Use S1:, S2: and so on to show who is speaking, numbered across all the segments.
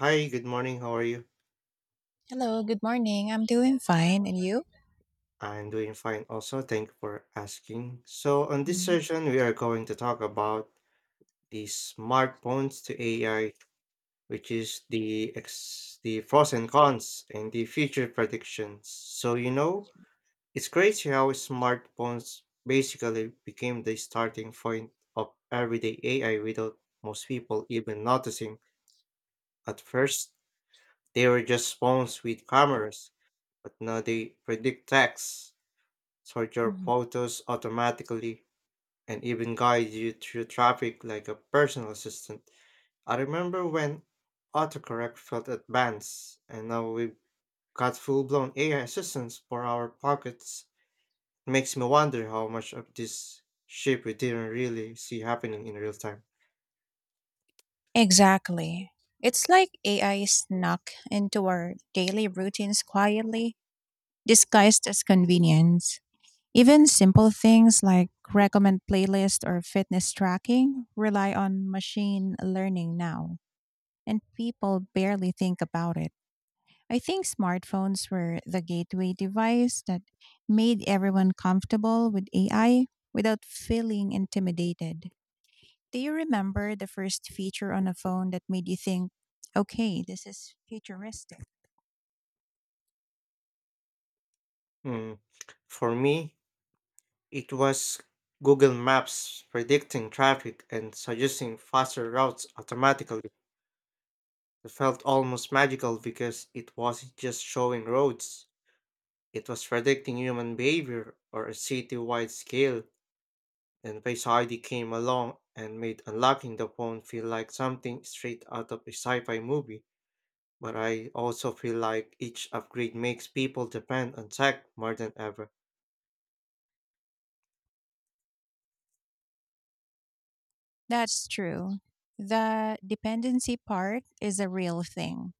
S1: Hi, good morning. How are you?
S2: Hello, good morning. I'm doing fine. And you?
S1: I'm doing fine also. Thank you for asking. So, on this
S2: Mhm,
S1: session, we are going to talk about the smartphones to AI, which is the pros and cons and the future predictions. So, you know, it's crazy how smartphones basically became the starting point of everyday AI without most people even noticing. At first, they were just phones with cameras, but now they predict text sort your
S2: mhm.
S1: photos automatically, and even guide you through traffic like a personal assistant. I remember when autocorrect felt advanced, and now we've got full blown AI assistants for our pockets. It makes me wonder how much of this shift we didn't really see happening in real time.
S2: Exactly. It's like AI snuck into our daily routines quietly, disguised as convenience. Even simple things like recommend playlist or fitness tracking rely on machine learning now, and people barely think about it. I think smartphones were the gateway device that made everyone comfortable with AI without feeling intimidated. Do you remember the first feature on a phone that made you think, okay, this is futuristic?
S1: Mm. For me, it was Google Maps predicting traffic and suggesting faster routes automatically. It felt almost magical because it wasn't just showing roads, it was predicting human behavior or a city wide scale. And Face ID came along and made unlocking the phone feel like something straight out of a sci fi movie. But I also feel like each upgrade makes people depend on tech more than ever.
S2: That's true. The dependency part is a real thing.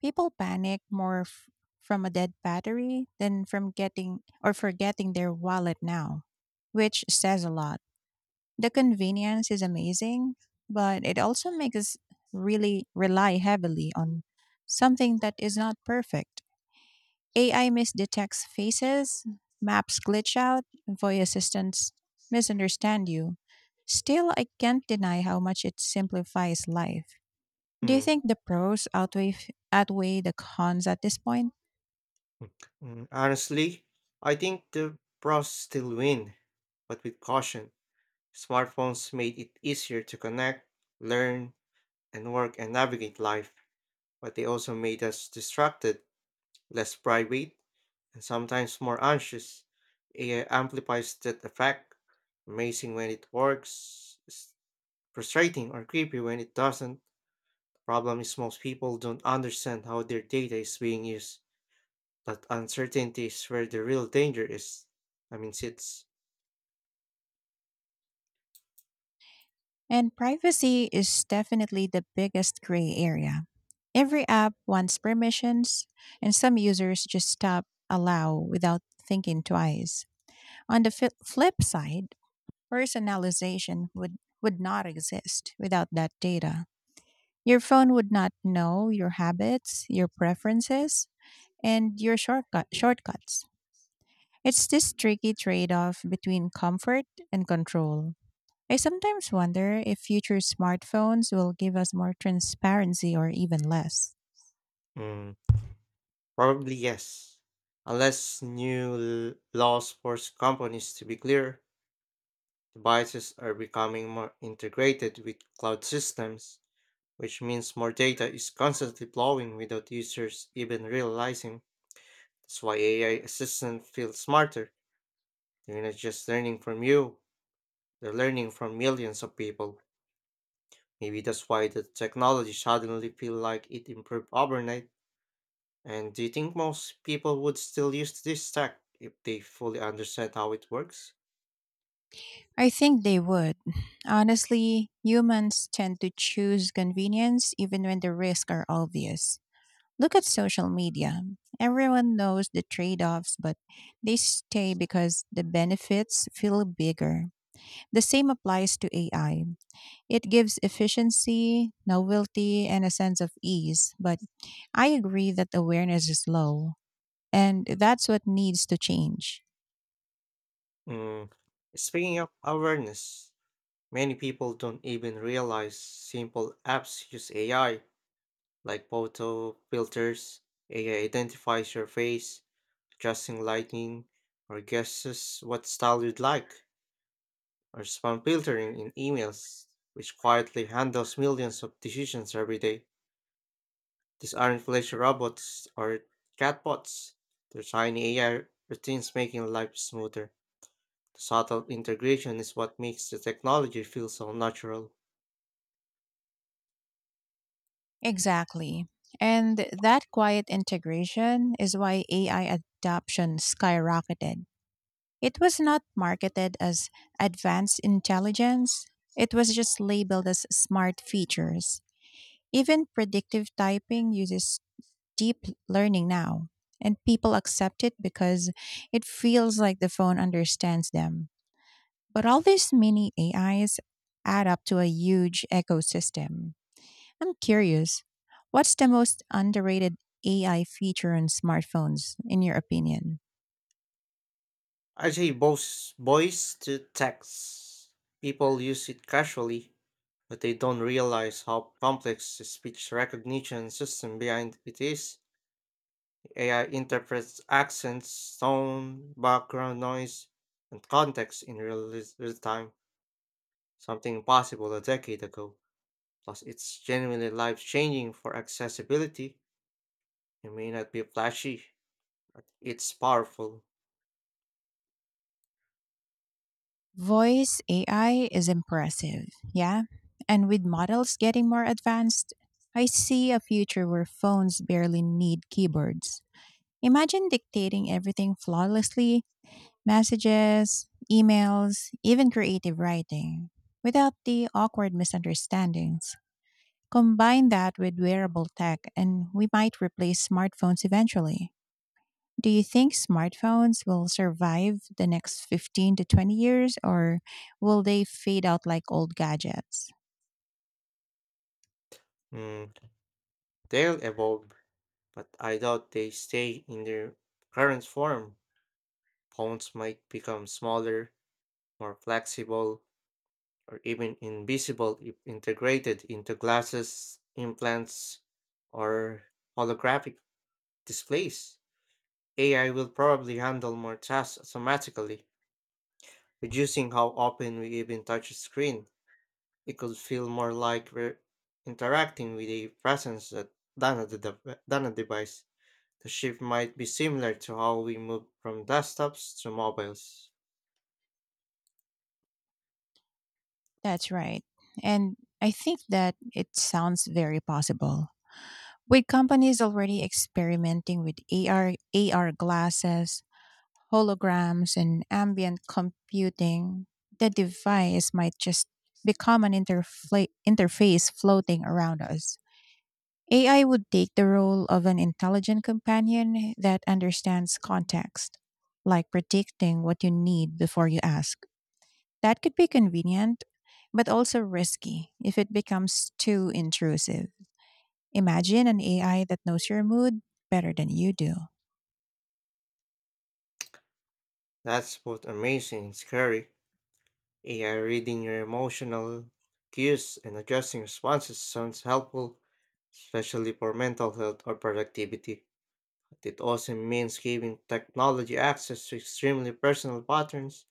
S2: People panic more from a dead battery than from getting or forgetting their wallet now, which says a lot. The convenience is amazing, but it also makes us really rely heavily on something that is not perfect. AI misdetects faces, maps glitch out, voice assistants misunderstand you. Still, I can't deny how much it simplifies life. Do you
S1: Mm,
S2: think the pros outweigh outweigh the cons at this point?
S1: Honestly, I think the pros still win, but with caution. Smartphones made it easier to connect, learn, and work and navigate life, but they also made us distracted, less private, and sometimes more anxious. AI amplifies that effect. Amazing when it works, frustrating or creepy when it doesn't. Problem is most people don't understand how their data is being used. That uncertainty is where the real danger is. I mean, it's
S2: And privacy is definitely the biggest gray area. Every app wants permissions, and some users just tap allow without thinking twice. On the flip side, personalization would not exist without that data. Your phone would not know your habits, your preferences, and your shortcuts. It's this tricky trade off between comfort and control. I sometimes wonder if future smartphones will give us more transparency or even less.
S1: mm, Probably yes, unless laws force companies to be clear. Devices are becoming more integrated with cloud systems, which means more data is constantly flowing without users even realizing. That's why AI assistants feel smarter. They're not just learning from you, they're learning from millions of people. Maybe that's why the technology suddenly feel like it improved overnight. And do you think most people would still use this tech if they fully understand how it works?
S2: I think they would. Honestly, humans tend to choose convenience even when the risks are obvious. Look at social media. Everyone knows the trade offs, but they stay because the benefits feel bigger. The same applies to AI. It gives efficiency, novelty, and a sense of ease, but I agree that awareness is low, and that's what needs to change.
S1: Mm. Speaking of awareness, many people don't even realize simple apps use AI, like photo filters, AI identifies your face, adjusting lighting, or guesses what style you'd like, or spam filtering in emails, which quietly handles millions of decisions every day. These aren't flashy robots or chatbots. They're tiny AI routines making life smoother. The subtle integration is what makes the technology feel so natural.
S2: Exactly. And that quiet integration is why AI adoption skyrocketed. It was not marketed as advanced intelligence, it was just labeled as smart features. Even predictive typing uses deep learning now, and people accept it because it feels like the phone understands them. But all these mini AIs add up to a huge ecosystem. I'm curious, what's the most underrated AI feature on smartphones, in your opinion?
S1: I say both voice to text. People use it casually, but they don't realize how complex the speech recognition system behind it is. AI interprets accents, tone, background noise, and context in real time, something impossible a decade ago. Plus, it's genuinely life changing for accessibility. It may not be flashy, but it's powerful.
S2: Voice AI is impressive, yeah? And with models getting more advanced, I see a future where phones barely need keyboards. Imagine dictating everything flawlessly messages, emails, even creative writing without the awkward misunderstandings. Combine that with wearable tech, and we might replace smartphones eventually. Do you think smartphones will survive the next 15 to 20 years or will they fade out like old gadgets?
S1: Mm, They'll evolve, but I doubt they stay in their current form. Phones might become smaller, more flexible, or even invisible if integrated into glasses, implants, or holographic displays. AI will probably handle more tasks automatically, reducing how often we even touch a screen. It could feel more like we're interacting with a presence than a device. The shift might be similar to how we moved from desktops to mobiles.
S2: That's right. And I think that it sounds very possible. With companies already experimenting with AR, AR glasses, holograms, and ambient computing, the device might just become an interface floating around us. AI would take the role of an intelligent companion that understands context, like predicting what you need before you ask. That could be convenient, but also risky if it becomes too intrusive. Imagine an AI that knows your mood better than you do.
S1: That's both amazing and scary. AI reading your emotional cues and adjusting responses sounds helpful, especially for mental health or productivity. But it also means giving technology access to extremely personal patterns.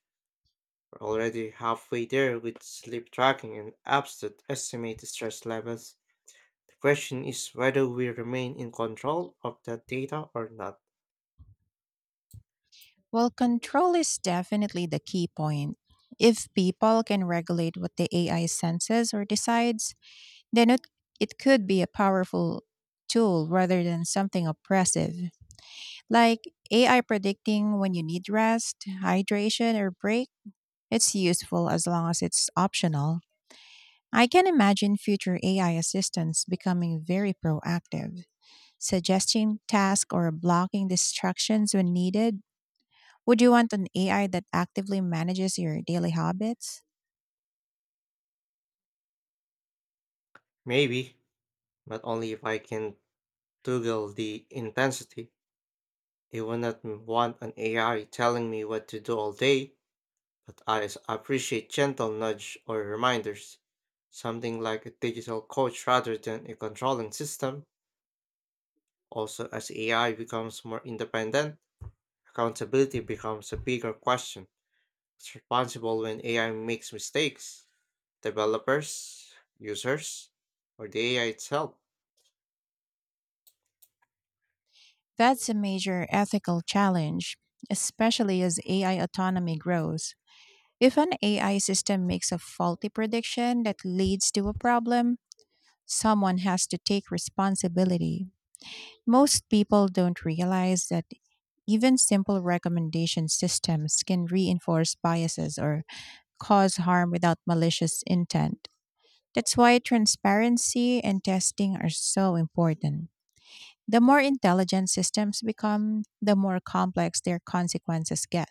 S1: We're already halfway there with sleep tracking and apps that estimate stress levels. The question is whether we remain in control of that data or not.
S2: Well, control is definitely the key point. If people can regulate what the AI senses or decides, then it could be a powerful tool rather than something oppressive. Like AI predicting when you need rest, hydration, or break, it's useful as long as it's optional. I can imagine future AI assistants becoming very proactive, suggesting tasks or blocking distractions when needed. Would you want an AI that actively manages your daily habits?
S1: Maybe, but only if I can toggle the intensity. I will not want an AI telling me what to do all day, but appreciate gentle nudge or reminders. Something like a digital coach rather than a controlling system. Also, as AI becomes more independent, accountability becomes a bigger question. It's responsible when AI makes mistakes. Developers, users, or the AI itself.
S2: That's a major ethical challenge, especially as AI autonomy grows. If an AI system makes a faulty prediction that leads to a problem, someone has to take responsibility. Most people don't realize that even simple recommendation systems can reinforce biases or cause harm without malicious intent. That's why transparency and testing are so important. The more intelligent systems become, the more complex their consequences get.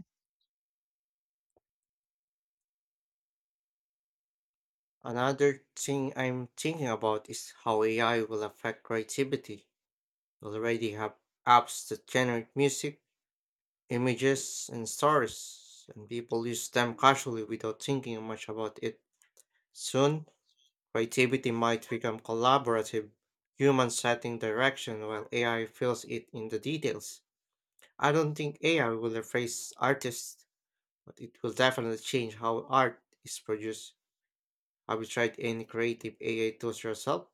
S1: Another thing I'm thinking about is how AI will affect creativity. We already have apps that generate music, images, and stories, and people use them casually without thinking much about it. Soon, creativity might become collaborative, human setting direction while AI fills it in the details. I don't think AI will replace artists, but it will definitely change how art is produced. Have you tried any creative AI tools yourself?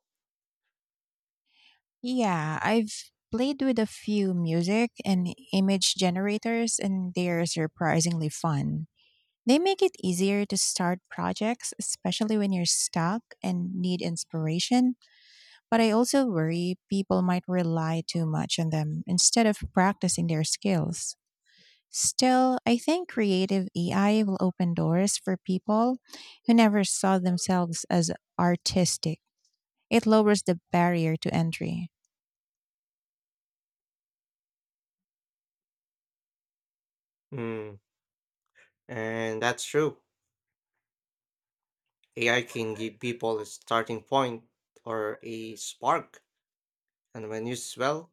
S2: Yeah, I've played with a few music and image generators, and they're surprisingly fun. They make it easier to start projects, especially when you're stuck and need inspiration. But I also worry people might rely too much on them instead of practicing their skills. Still, I think creative AI will open doors for people who never saw themselves as artistic. It lowers the barrier to entry.
S1: Hmm. And that's true. AI can give people a starting point or a spark, and when used well,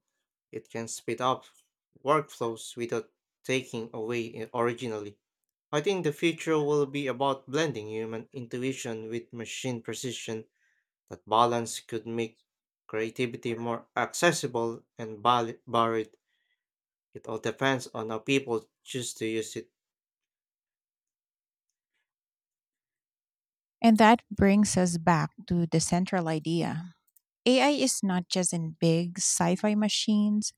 S1: it can speed up workflows without taking away originally. I think the future will be about blending human intuition with machine precision. That balance could make creativity more accessible and varied. It all depends on how people choose to use it.
S2: And that brings us back to the central idea. AI is not just in big sci fi machines,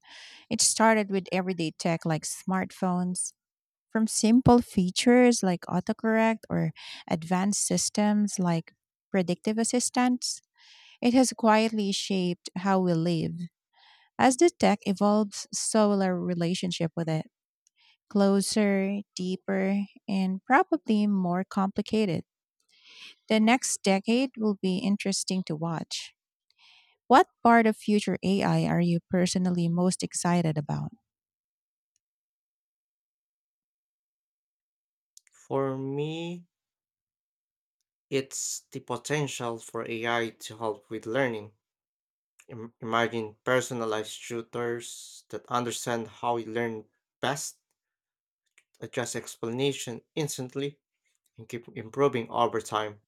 S2: it started with everyday tech like smartphones, from simple features like autocorrect or advanced systems like predictive assistance. It has quietly shaped how we live. As the tech evolves, so will our relationship with it closer, deeper, and probably more complicated. The next decade will be interesting to watch. What part of future AI are you personally most excited about?
S1: For me, it's the potential for AI to help with learning. Imagine personalized tutors that understand how you learn best, adjust explanation instantly, and keep improving over time.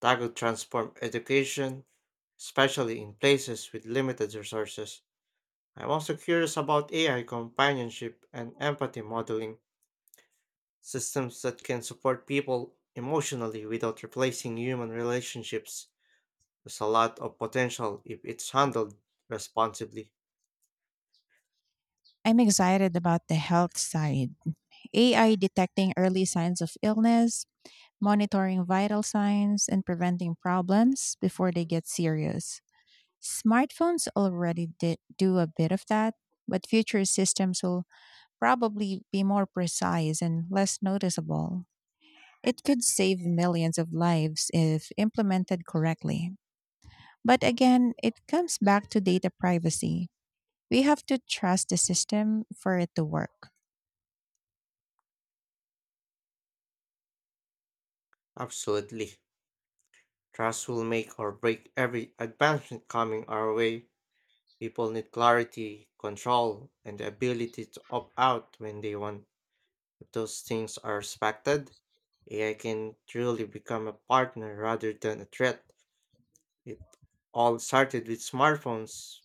S1: That could transform education, especially in places with limited resources. I'm also curious about AI companionship and empathy modeling, systems that can support people emotionally without replacing human relationships. There's a lot of potential if it's handled responsibly.
S2: I'm excited about the health side. AI detecting early signs of illness, monitoring vital signs, and preventing problems before they get serious. Smartphones already do a bit of that, but future systems will probably be more precise and less noticeable. It could save millions of lives if implemented correctly. But again, it comes back to data privacy. We have to trust the system for it to work.
S1: Absolutely. Trust will make or break every advancement coming our way. People need clarity, control, and the ability to opt out when they want. If those things are respected, AI can truly become a partner rather than a threat. It all started with smartphones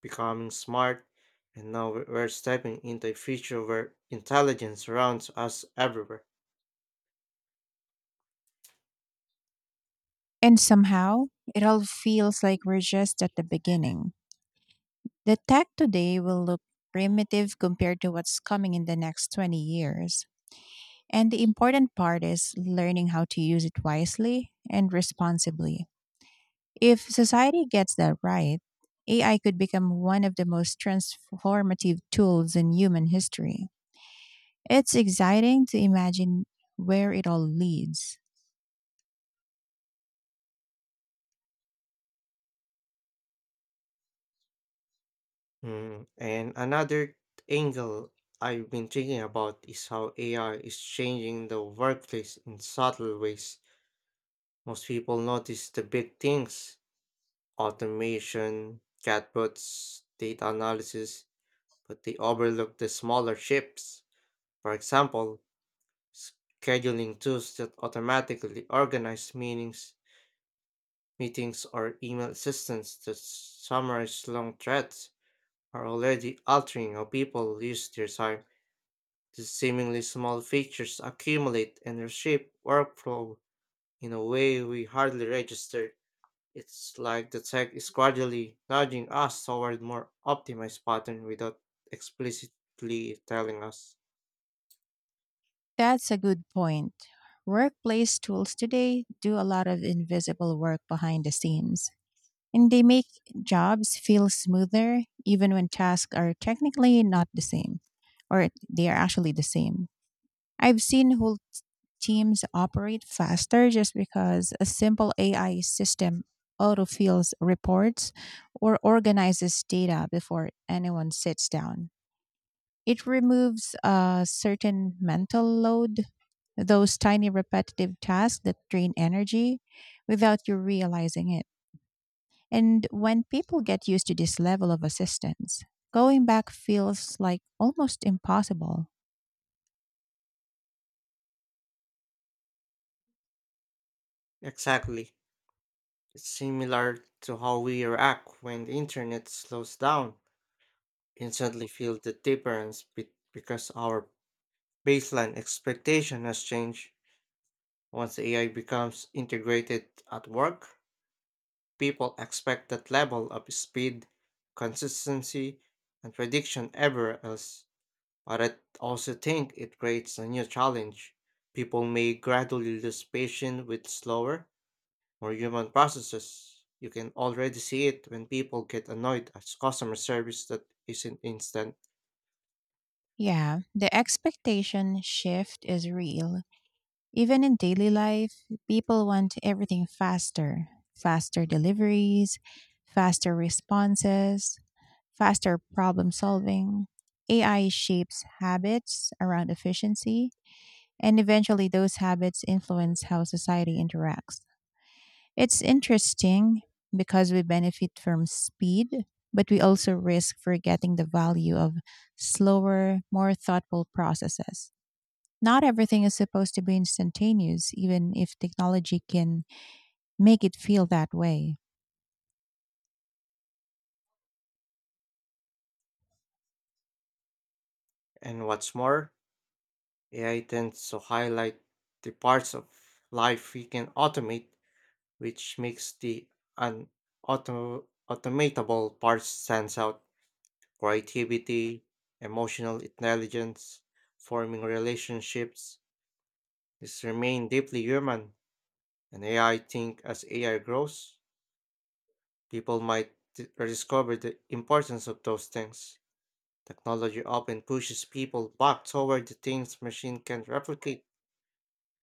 S1: becoming smart, and now we're stepping into a future where intelligence surrounds us everywhere.
S2: And somehow, it all feels like we're just at the beginning. The tech today will look primitive compared to what's coming in the next 20 years. And the important part is learning how to use it wisely and responsibly. If society gets that right, AI could become one of the most transformative tools in human history. It's exciting to imagine where it all leads.
S1: Mm, and another angle I've been thinking about is how AI is changing the workplace in subtle ways. Most people notice the big things: automation, chatbots, data analysis, but they overlook the smaller shifts. For example, scheduling tools that automatically organize meetings or email systems that summarize long threads are already altering how people use their time. These seemingly small features accumulate and reshape workflow in a way we hardly register. It's like the tech is gradually nudging us toward more optimized pattern without explicitly telling us.
S2: That's a good point. Workplace tools today do a lot of invisible work behind the scenes, and they make jobs feel smoother even when tasks are technically not the same, or they are actually the same. I've seen whole teams operate faster just because a simple AI system autofills reports or organizes data before anyone sits down. It removes a certain mental load, those tiny repetitive tasks that drain energy without you realizing it. And when people get used to this level of assistance, going back feels like almost impossible.
S1: Exactly. It's similar to how we react when the internet slows down. We instantly feel the difference because our baseline expectation has changed. Once AI becomes integrated at work, people expect that level of speed, consistency, and prediction ever else, but I also think it creates a new challenge. People may gradually lose patience with slower, more human processes. You can already see it when people get annoyed at customer service that isn't instant.
S2: Yeah, the expectation shift is real. Even in daily life, people want everything faster faster deliveries, faster responses, faster problem solving. AI shapes habits around efficiency, and eventually those habits influence how society interacts. It's interesting because we benefit from speed, but we also risk forgetting the value of slower, more thoughtful processes. Not everything is supposed to be instantaneous, even if technology can make it feel that way.
S1: And what's more, AI tends to highlight the parts of life we can automate, which makes the un- automatable parts stands out. Creativity, emotional intelligence, forming relationships. These remain deeply human, and AI think as AI grows, people might rediscover the importance of those things. Technology often pushes people back toward the things machine can replicate.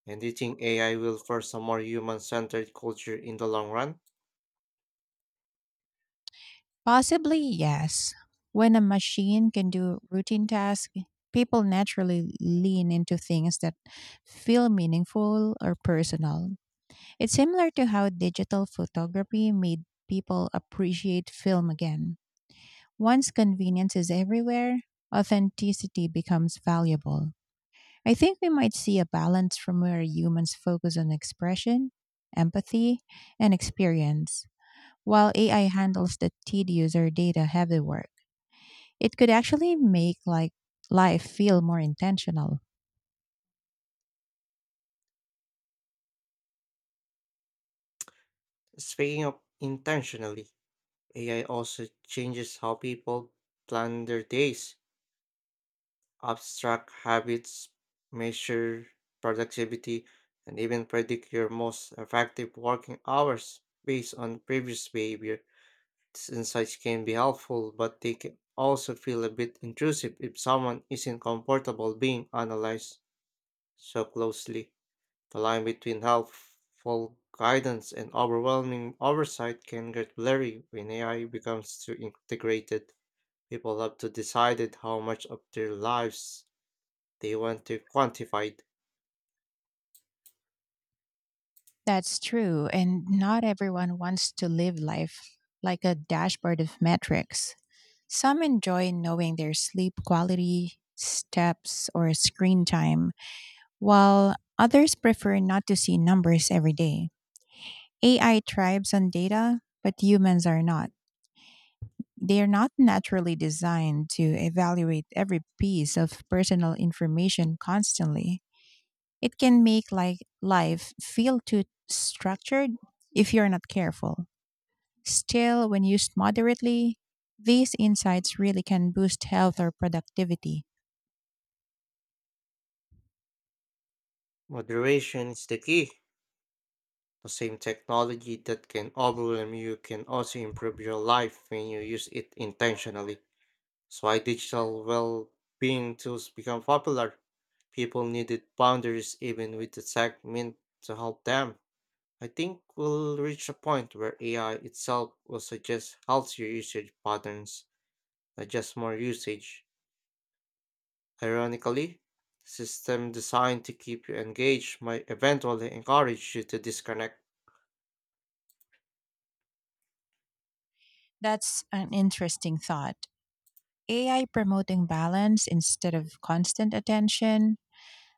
S1: And do you think AI will force a more human centered culture in the long run?
S2: Possibly, yes. When a machine can do routine tasks, people naturally lean into things that feel meaningful or personal. It's similar to how digital photography made people appreciate film again. Once convenience is everywhere, authenticity becomes valuable. I think we might see a balance from where humans focus on expression, empathy, and experience, while AI handles the tedious or data heavy work. It could actually make like life feel more intentional.
S1: Speaking of intentionally, AI also changes how people plan their days, abstract habits, measure productivity, and even predict your most effective working hours based on previous behavior. These insights can be helpful, but they can also feel a bit intrusive if someone isn't comfortable being analyzed so closely. The line between helpful guidance and overwhelming oversight can get blurry when AI becomes too integrated. People have to decide how much of their lives they want to quantify.
S2: That's true, and not everyone wants to live life like a dashboard of metrics. Some enjoy knowing their sleep quality, steps, or screen time, while others prefer not to see numbers every day. AI thrives on data, but humans are not. They are not naturally designed to evaluate every piece of personal information constantly. It can make like life feel too structured if you're not careful. Still, when used moderately, these insights really can boost health or productivity.
S1: Moderation is the key. The same technology that can overwhelm you can also improve your life when you use it intentionally. That's why digital well being tools become popular. People needed boundaries even with the tech meant to help them. I think we'll reach a point where AI itself will suggest healthier usage patterns, not just more usage. Ironically, system designed to keep you engaged might eventually encourage you to disconnect.
S2: That's an interesting thought. AI promoting balance instead of constant attention.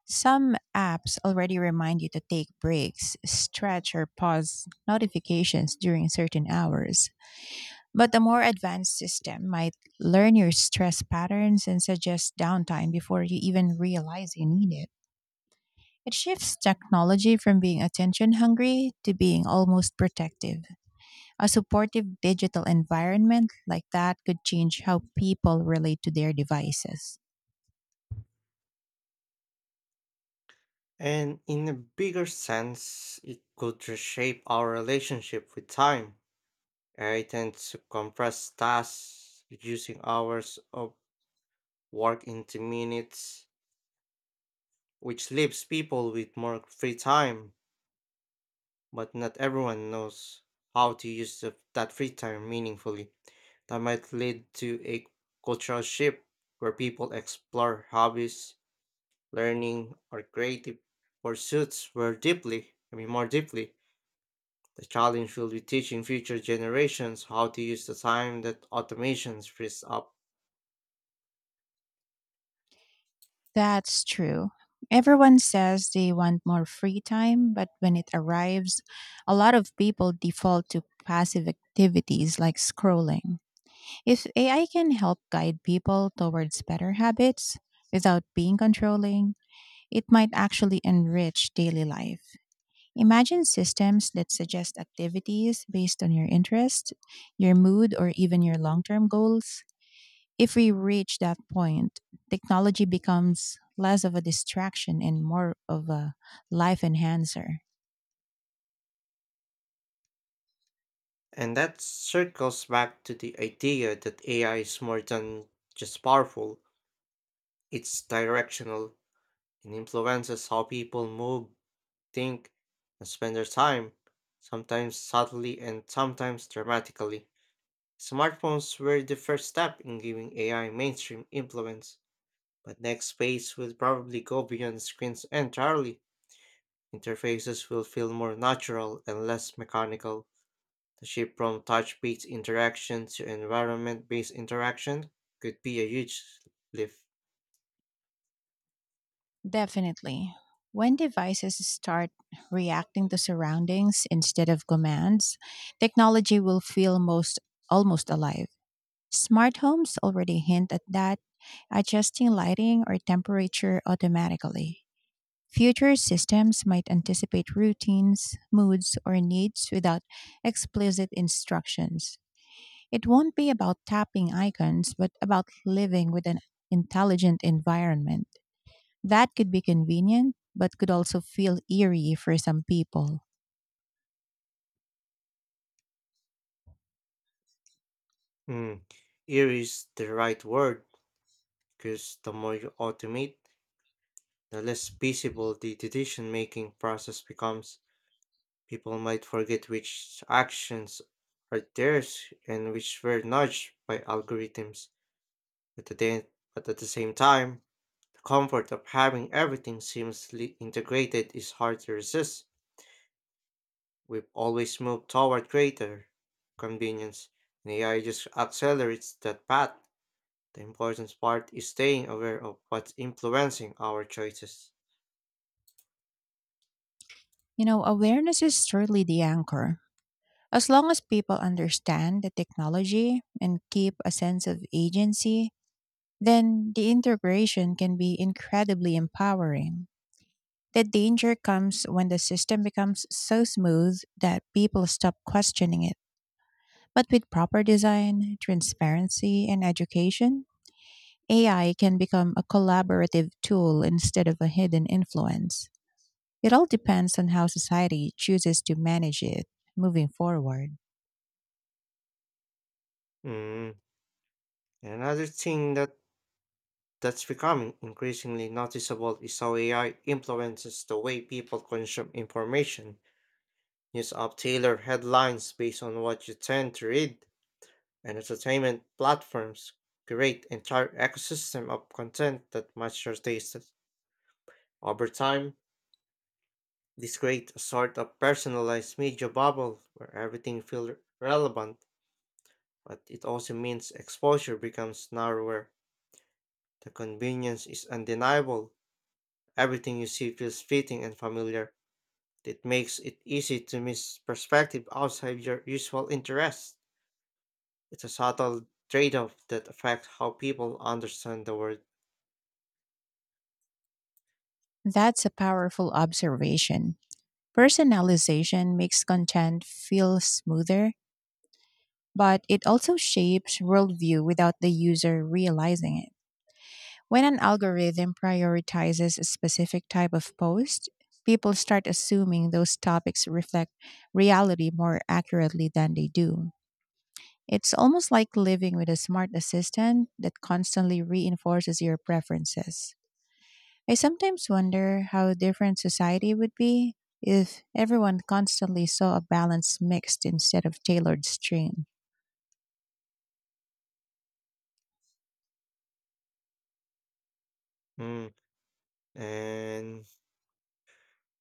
S2: Some apps already remind you to take breaks, stretch, or pause notifications during certain hours. But a more advanced system might learn your stress patterns and suggest downtime before you even realize you need it. It shifts technology from being attention hungry to being almost protective. A supportive digital environment like that could change how people relate to their devices.
S1: And in a bigger sense, it could reshape our relationship with time. I tend to compress tasks, reducing hours of work into minutes, which leaves people with more free time, but not everyone knows how to use that free time meaningfully. That might lead to a cultural shift where people explore hobbies, learning, or creative pursuits more deeply. More deeply. The challenge will be teaching future generations how to use the time that automation frees up.
S2: That's true. Everyone says they want more free time, but when it arrives, a lot of people default to passive activities like scrolling. If AI can help guide people towards better habits without being controlling, it might actually enrich daily life. Imagine systems that suggest activities based on your interest, your mood, or even your long term goals. If we reach that point, technology becomes less of a distraction and more of a life enhancer.
S1: And that circles back to the idea that AI is more than just powerful, it's directional and influences how people move, think, and spend their time, sometimes subtly and sometimes dramatically. Smartphones were the first step in giving AI mainstream influence, but next space will probably go beyond screens entirely. Interfaces will feel more natural and less mechanical. The shift from touch-based interaction to environment-based interaction could be a huge lift.
S2: Definitely. When devices start reacting to surroundings instead of commands, technology will feel most almost alive. Smart homes already hint at that, adjusting lighting or temperature automatically. Future systems might anticipate routines, moods, or needs without explicit instructions. It won't be about tapping icons, but about living with an intelligent environment. That could be convenient, but could also feel eerie for some people.
S1: Mm. Here is the right word, because the more you automate, the less feasible the decision making process becomes. People might forget which actions are theirs and which were nudged by algorithms. But at the, but at the same time, the comfort of having everything seamlessly integrated is hard to resist. We've always moved toward greater convenience, and AI just accelerates that path. The important part is staying aware of what's influencing our choices.
S2: You know, awareness is surely the anchor. As long as people understand the technology and keep a sense of agency, then the integration can be incredibly empowering. The danger comes when the system becomes so smooth that people stop questioning it. But with proper design, transparency, and education, AI can become a collaborative tool instead of a hidden influence. It all depends on how society chooses to manage it moving forward.
S1: Mm. Another thing that That's becoming increasingly noticeable is how AI influences the way people consume information. News app tailor headlines based on what you tend to read, and entertainment platforms create entire ecosystem of content that match your tastes. Over time, this creates a sort of personalized media bubble where everything feels relevant, but it also means exposure becomes narrower. The convenience is undeniable. Everything you see feels fitting and familiar. It makes it easy to miss perspective outside your usual interests. It's a subtle trade off that affects how people understand the world.
S2: That's a powerful observation. Personalization makes content feel smoother, but it also shapes worldview without the user realizing it. When an algorithm prioritizes a specific type of post, people start assuming those topics reflect reality more accurately than they do. It's almost like living with a smart assistant that constantly reinforces your preferences. I sometimes wonder how different society would be if everyone constantly saw a balanced mixed instead of tailored stream.
S1: Mm. And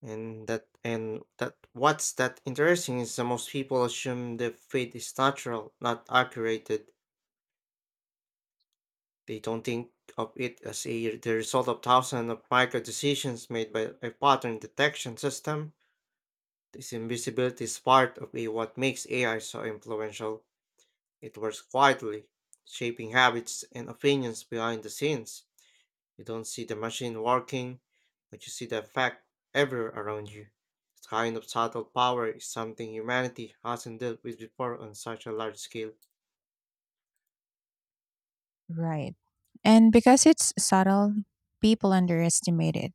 S1: and that What's that interesting is that most people assume the fate is natural, not accurate. They don't think of it as a the result of thousands of micro decisions made by a pattern detection system. This invisibility is part of what makes AI so influential. It works quietly, shaping habits and opinions behind the scenes. You don't see the machine working, but you see the effect everywhere around you. This kind of subtle power is something humanity hasn't dealt with before on such a large scale.
S2: Right. And because it's subtle, people underestimate it.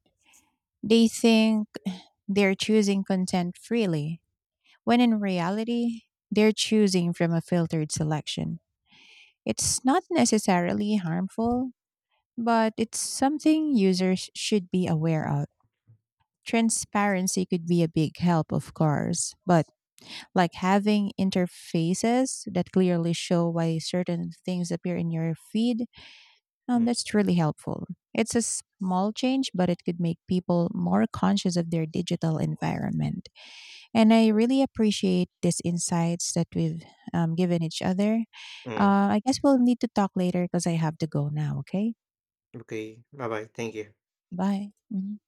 S2: They think they're choosing content freely, when in reality, they're choosing from a filtered selection. It's not necessarily harmful, but it's something users should be aware of. Transparency could be a big help, of course, but like having interfaces that clearly show why certain things appear in your feed,
S1: Mm.
S2: that's really helpful. It's a small change, but it could make people more conscious of their digital environment. And I really appreciate these insights that we've given each other.
S1: Mm.
S2: I guess we'll need to talk later because I have to go now, okay?
S1: Okay, bye bye. Thank you.
S2: Bye. Mhm.